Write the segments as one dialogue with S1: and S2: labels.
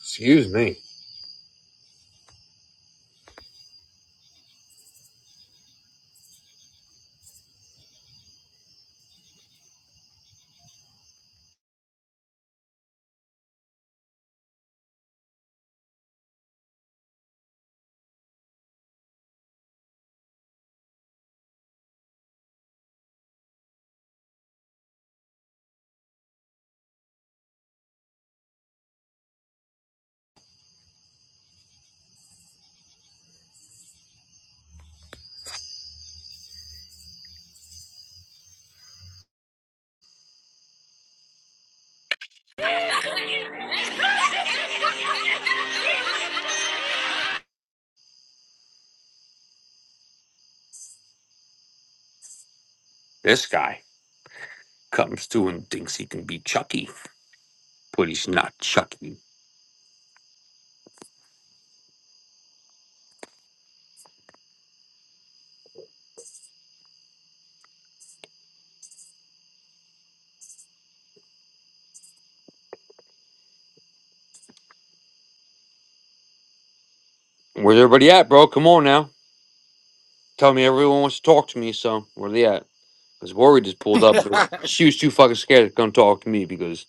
S1: Excuse me.
S2: Yo.
S1: This guy comes to and thinks he can be Chucky, but he's not Chucky. Where's everybody at, bro? Come on now. Tell me everyone wants to talk to me, so where they at? Because Lori just pulled up, but she was too fucking scared to come talk to me because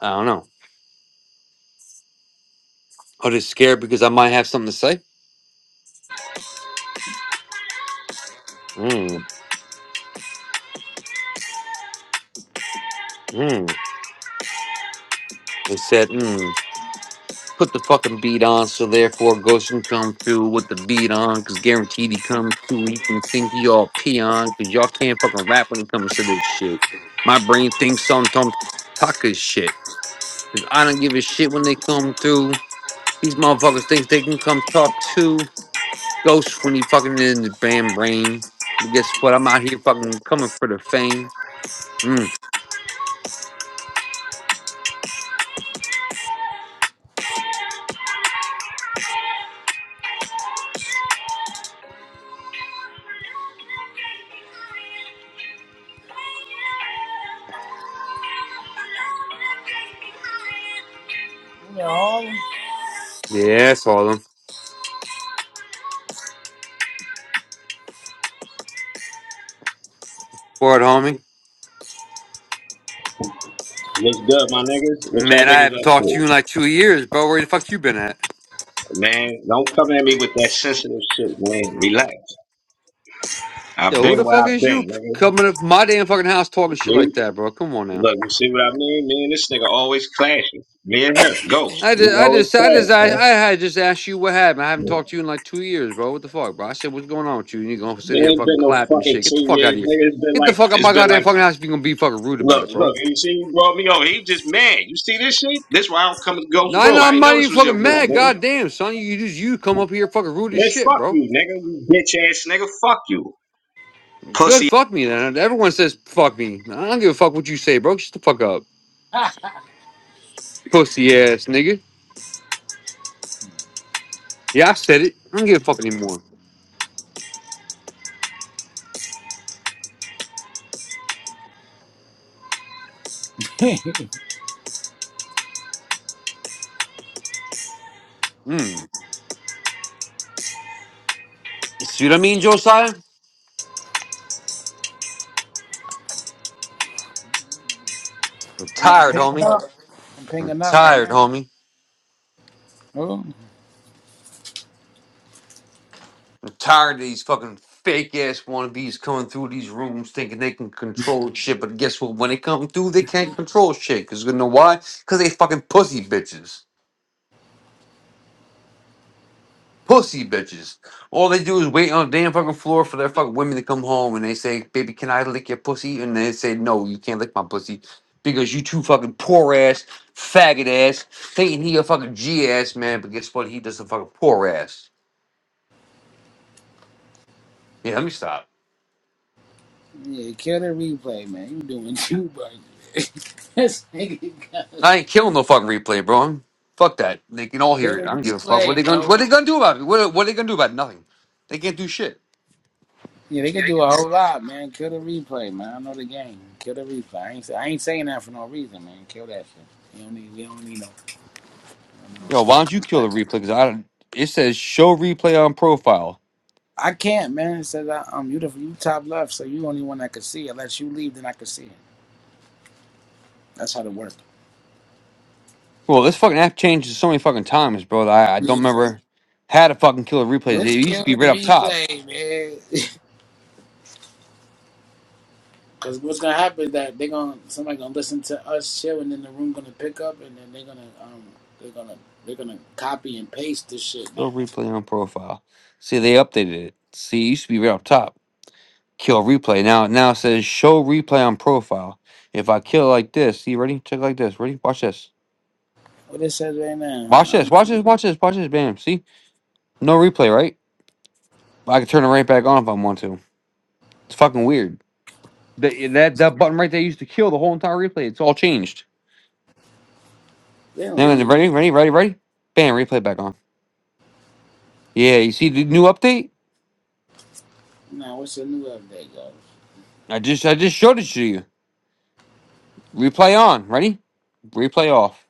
S1: I don't know. I was just scared because I might have something to say. Mm, mm. They said, mm. put the fucking beat on, so therefore Ghost can come through with the beat on, because guaranteed he comes through. He can think y'all pee on, because y'all can't fucking rap when it comes to this shit. My brain thinks on Tom Tucker shit. 'cause I don't give a shit when they come through. These motherfuckers think they can come top two. Ghost when he fucking in the band brain. And guess what? I'm out here fucking coming for the fame. Mm. Yeah, that's all them. For it, homie.
S3: What's good, my niggas? What y'all
S1: Man, I
S3: niggas
S1: haven't
S3: up
S1: talked
S3: to?
S1: to you in like two years, bro. Where the fuck you been at?
S3: Man, don't come at me with that sensitive shit, man. Relax. I've
S1: Yo, who
S3: been
S1: the
S3: where
S1: fuck
S3: I've
S1: is
S3: been,
S1: you
S3: nigga.
S1: coming up my damn fucking house talking shit like
S3: See?
S1: that, bro? Come on now.
S3: Look, you see what I mean? Me and this nigga always clashing. Me and him, Ghost.
S1: I
S3: We
S1: just, I
S3: always
S1: just, I just,
S3: clash,
S1: I,
S3: man.
S1: I had just asked you what happened. I haven't talked to you in like two years, bro. What the fuck, bro? I said, what's going on with you? And you gonna sit
S3: It
S1: here and
S3: ain't
S1: fucking
S3: been no
S1: clap and
S3: fucking
S1: shit? Get the
S3: two
S1: fuck out of
S3: years,
S1: here.
S3: nigga. It's been
S1: Get the
S3: like,
S1: fuck out my
S3: it's been
S1: goddamn
S3: like,
S1: fucking house if you gonna be fucking rude about
S3: look,
S1: it, bro.
S3: look, you see, you brought me over. He just mad. You see this shit? This why I don't come to Ghost
S1: No, I
S3: room.
S1: know
S3: I
S1: I'm
S3: didn't
S1: not
S3: know this
S1: even
S3: was your
S1: fucking
S3: room,
S1: mad.
S3: nigga.
S1: Goddamn, son, you just you come up here fucking rude as
S3: Man,
S1: shit,
S3: fuck
S1: bro.
S3: you, nigga. You bitch ass nigga. Fuck you. Pussy
S1: Good, fuck me then. Everyone says fuck me. I don't give a fuck what you say, bro. Shut the fuck up,
S2: Ah.
S1: pussy ass nigga. Yeah, I said it. I don't give a fuck anymore.
S2: I'm
S1: Mm. You see what I mean, Josiah? I'm tired,
S2: pinging
S1: homie.
S2: up. I'm
S1: I'm
S2: pinging up right
S1: tired,
S2: now.
S1: homie.
S2: Oh,
S1: I'm tired of these fucking fake ass wannabes coming through these rooms thinking they can control shit. But guess what? When they come through, they can't control shit. Cause you know why? Cause they fucking pussy bitches. Pussy bitches. All they do is wait on the damn fucking floor for their fucking women to come home and they say, Baby, can I lick your pussy? And they say, No, you can't lick my pussy. Because you two fucking poor ass, faggot ass, thinking he a fucking G ass man, but guess what? He just a fucking poor ass. Yeah, let me stop.
S2: yeah, kill the replay, man. You doing too much. this nigga got
S1: I ain't killing no fucking replay, bro. I'm- fuck that. They can all
S2: kill
S1: hear it. I
S2: the
S1: don't give a fuck. What
S2: replay,
S1: they gonna
S2: go.
S1: What they gonna do about it? What What they gonna do about it? Nothing. They can't do shit.
S2: Yeah, they could do a whole lot, man. Kill the replay, man. I know the game. Kill the replay. I ain't, say, I ain't saying that for no reason, man. Kill that shit. You don't need. We don't need no. no no
S1: Yo,
S2: shit
S1: why
S2: to
S1: don't you
S2: come
S1: kill the
S2: back.
S1: replay? Because I don't. It says show replay on profile.
S2: I can't, man. It says I, um, you the you top left, so you only one that could see. it. Unless you leave, then I could see it. That's how it works.
S1: Well, this fucking app changes so many fucking times, bro. That I, I don't
S2: Yeah.
S1: remember how to fucking kill the replays. It
S2: Let's
S1: used to
S2: kill
S1: be
S2: the
S1: right up top.
S2: replay, man. Because what's gonna happen is that they gonna somebody gonna listen to us chill, and then the room gonna pick up, and then they're gonna um they're gonna they're gonna copy and paste this shit now.
S1: Show replay on profile. See, they updated it. See, it used to be right up top. Kill replay. Now, now it says show replay on profile. If I kill like this, see, ready? Check like this. Ready? Watch this.
S2: What it says right
S1: Watch
S2: now?
S1: this. Watch this. Watch this. Watch this. Bam. See, no replay, right? I can turn it right back on if I want to. It's fucking weird. That that that button right there used to kill the whole entire replay. It's all changed.
S2: They don't
S1: Now,
S2: leave.
S1: ready, ready, ready, ready. Bam. Replay back on. Yeah. You see the new update?
S2: Now, what's the new update, guys?
S1: I just I just showed it to you. Replay on. Ready? Replay off.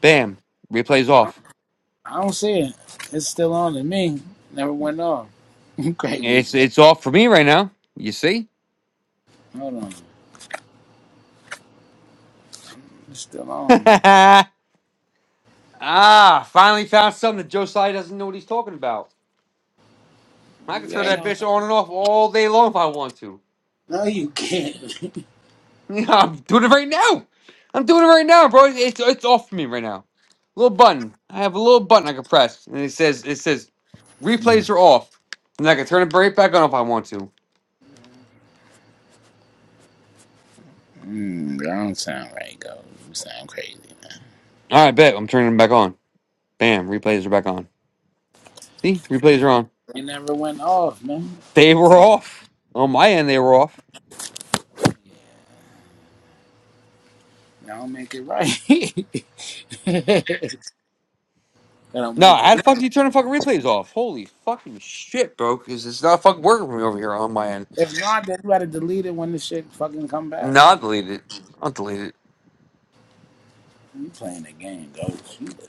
S1: Bam. Replay's
S2: I
S1: off.
S2: I don't see it. It's still on to me. Never went off. Great league.
S1: It's it's
S2: though.
S1: off for me right now. You see?
S2: Hold on. It's still on, man.
S1: ah, finally found something that Josiah doesn't know what he's talking about. I can
S2: It
S1: turn that bitch on and off all day long if I want to.
S2: No, you can't.
S1: Yeah, I'm doing it right now. I'm doing it right now, bro. It's it's off me right now. Little button. I have a little button I can press, and it says it says replays are off, and I can turn it right back on if I want to. All
S2: mm, I don't sound right, go. You sound crazy.
S1: right, bet I'm turning them back on. Bam, replays are back on. See, replays are on.
S2: It never went off, man.
S1: They were off on my end. They were off.
S2: That don't make it right. that don't
S1: No,
S2: make it
S1: how the
S2: right.
S1: fuck do you turn the fucking replays off? Holy fucking shit, bro! Because it's not fucking working for me over here on my end.
S2: If not, then you gotta delete it when the shit fucking come back,
S1: No,
S2: man.
S1: I'll delete it. I'll delete it.
S2: You playing the game, ghost.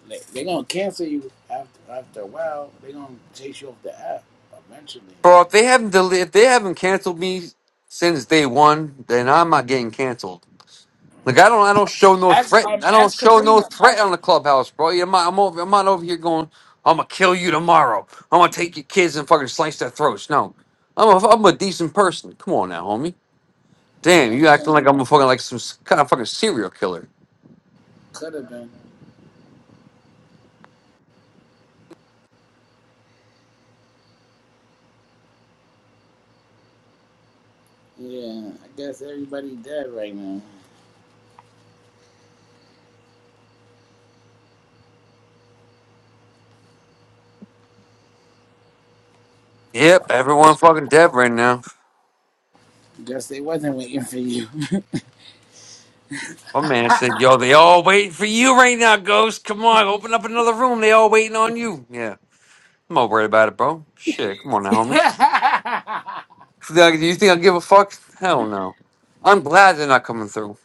S2: they, they gonna cancel you after after a while. They gonna chase you off the app eventually. Man.
S1: Bro, if they haven't del- if they haven't canceled me since day one, then I'm not getting canceled. Like I don't I don't show no
S2: Ask
S1: threat.
S2: um
S1: I don't
S2: ask
S1: show no
S2: Karina.
S1: threat
S2: Ask,
S1: on the clubhouse, bro. Yeah, I'm not, I'm, over, I'm not over here going. I'm gonna kill you tomorrow. I'm gonna take your kids and fucking slice their throats. No, I'm a, I'm a decent person. Come on now, homie. Damn,
S2: yeah, I'm
S1: you acting
S2: saying
S1: like I'm a fucking like some s- kind of fucking serial killer.
S2: could have been. Yeah, I guess everybody dead right now.
S1: Yep, everyone fucking dead right now.
S2: Guess they wasn't waiting for you.
S1: My man said, "Yo, they all waiting for you right now, Ghost. Come on, open up another room. They all waiting on you." Yeah. I'm not worried about it, bro. Shit, come on now, homie. Do you think I give a fuck? Hell no. I'm glad they're not coming through.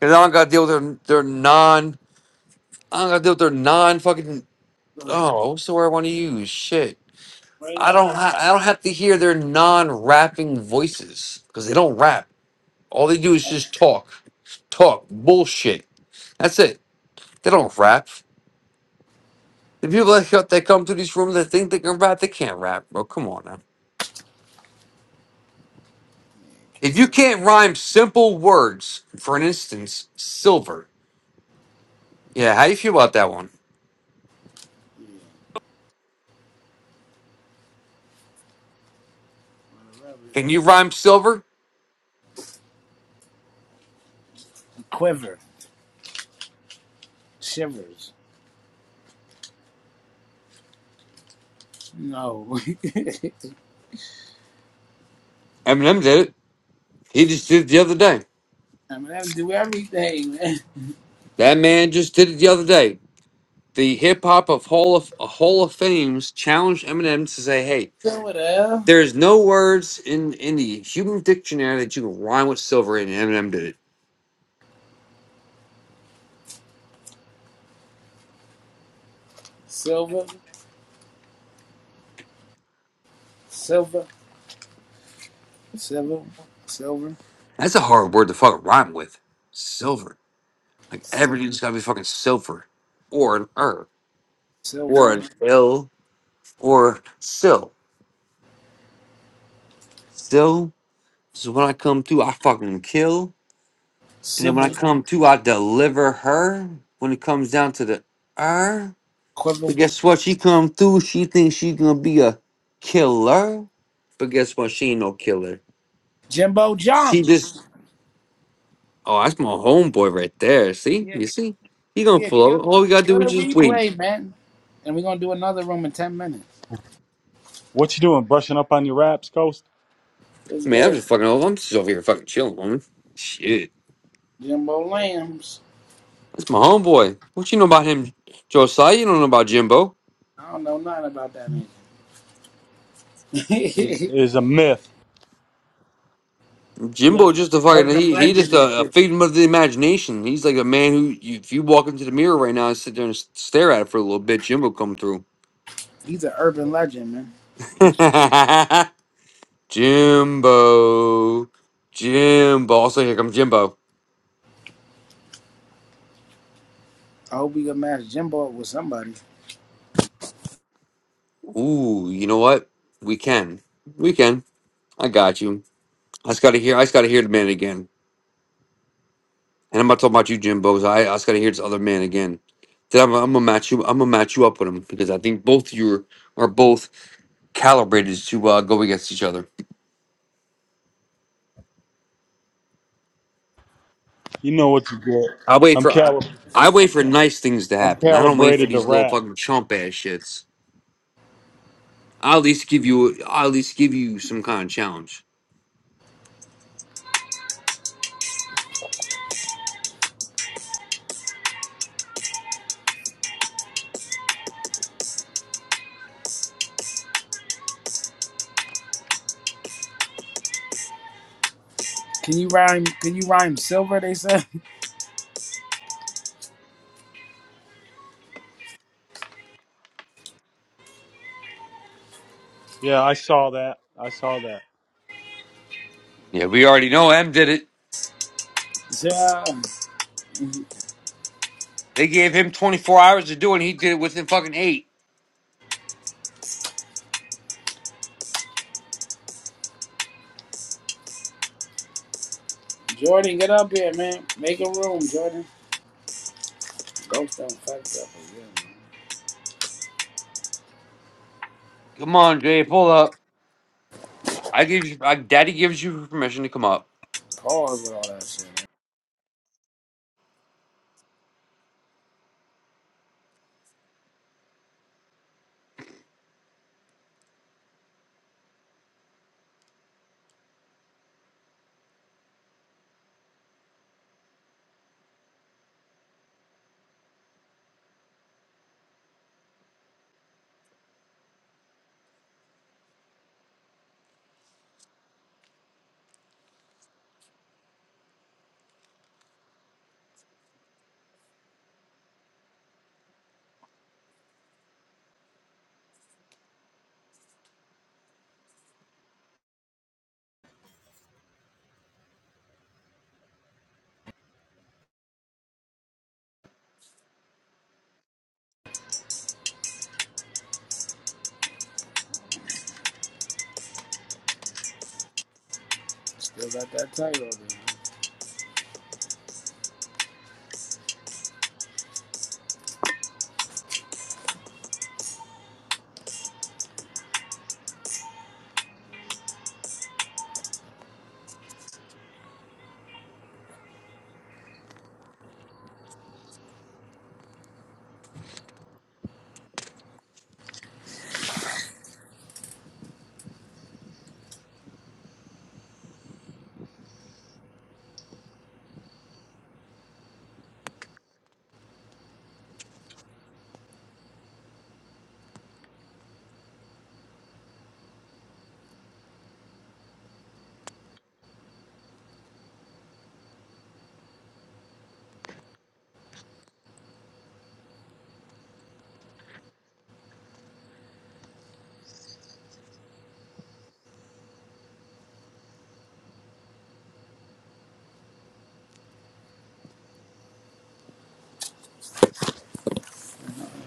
S1: Cause I don't gotta deal with their their non I don't gotta deal with their non fucking
S2: right
S1: oh, what's the word I wanna use? Shit. I don't
S2: now,
S1: ha- I don't have to hear their non rapping voices. Cause they don't rap. All they do is just talk. Talk. Bullshit. That's it. They don't rap. The people that, that come to these rooms that think they can rap, they can't rap, bro. Come on now. If you can't rhyme simple words, for an instance, silver. Yeah, how do you feel about that one? Can you rhyme silver?
S2: quiver, shivers. No,
S1: Eminem did it. He just did it the other day.
S2: I mean I do everything, man.
S1: That man just did it the other day. The hip hop of Hall of uh, Hall of Fames challenged Eminem to say, "Hey,
S2: Silver, the hell?
S1: there's no words in in the human dictionary that you can rhyme with silver." And Eminem did it.
S2: silver, silver, silver, silver,
S1: That's a hard word to fucking rhyme with. Silver. Like
S2: silver.
S1: everything's gotta be fucking silver, or an er, or
S2: Silver,
S1: an ill, or sill. So, so when I come through, I fucking kill. And then when I
S2: Sybil,
S1: come through, I deliver her. When it comes down to the er, but
S2: Quivel,
S1: guess what? She come through. She thinks she gonna be a killer, but guess what? She ain't no killer.
S2: Jimbo,
S1: She
S2: Jum.
S1: just oh, that's my homeboy right there. See, you see, he gonna
S2: Yeah,
S1: flow.
S2: kill,
S1: All we gotta
S2: kill
S1: do
S2: the
S1: is just wait.
S2: replay, man. And we're gonna do another room in ten minutes.
S4: What you doing? Brushing up on your raps, Coast?
S2: It's
S1: Man, I'm
S2: good.
S1: just fucking over. I'm just over here fucking chilling, woman. Shit,
S2: Jimbo Lambs.
S1: that's my homeboy. What you know about him, Josiah? You don't know about Jimbo.
S2: I don't know nothing about that man.
S4: Is, is a myth.
S1: Jimbo
S2: yeah,
S1: just a fucking
S2: urban
S1: he he
S2: legend
S1: just
S2: and
S1: a, a
S2: shit.
S1: figment of the imagination. He's like a man who you, if you walk into the mirror right now and sit there and s- stare at it for a little bit, Jimbo come through.
S2: He's an urban legend, man. He's famous.
S1: Jimbo, Jimbo. Also here comes Jimbo.
S2: I hope we can match Jimbo up with somebody.
S1: Ooh, you know what? We can, we can. I got you. I just gotta hear. I just gotta hear the man again. And I'm not talking about you, Jimbo. so I, I just gotta hear this other man again. Then I'm, I'm gonna match you. I'm gonna match you up with him because I think both you are, are both calibrated to uh, go against each other.
S4: You know what you get.
S1: I wait
S4: I'm
S1: for I
S4: calib-
S1: I wait for nice things to
S4: I'm
S1: happen. I don't wait for
S4: calibrated to
S1: these little
S4: rap.
S1: fucking chump ass shits. I'll at least give you I'll at least give you some kind of challenge.
S2: Can you rhyme? Can you rhyme silver? They said.
S4: Yeah, I saw that. I saw that.
S1: Yeah, we already know M did it.
S2: Yeah.
S1: They gave him 24 hours to do it and he did it within fucking 8.
S2: Jordan, get up here, man. Make a room, Jordan. Ghost don't fuck up again. man.
S1: Come on, Jay, pull up. I give you I daddy gives you permission to come up.
S2: Pause with all that shit. man. Still got that title.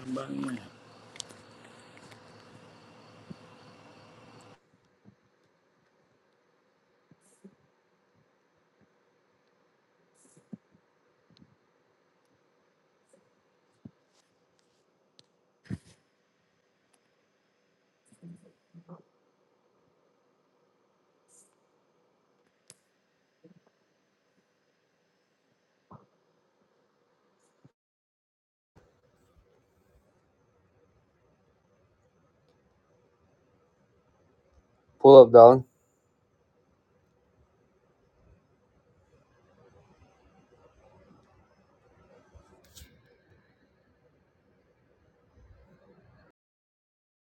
S2: Then.
S1: Pull up, darling.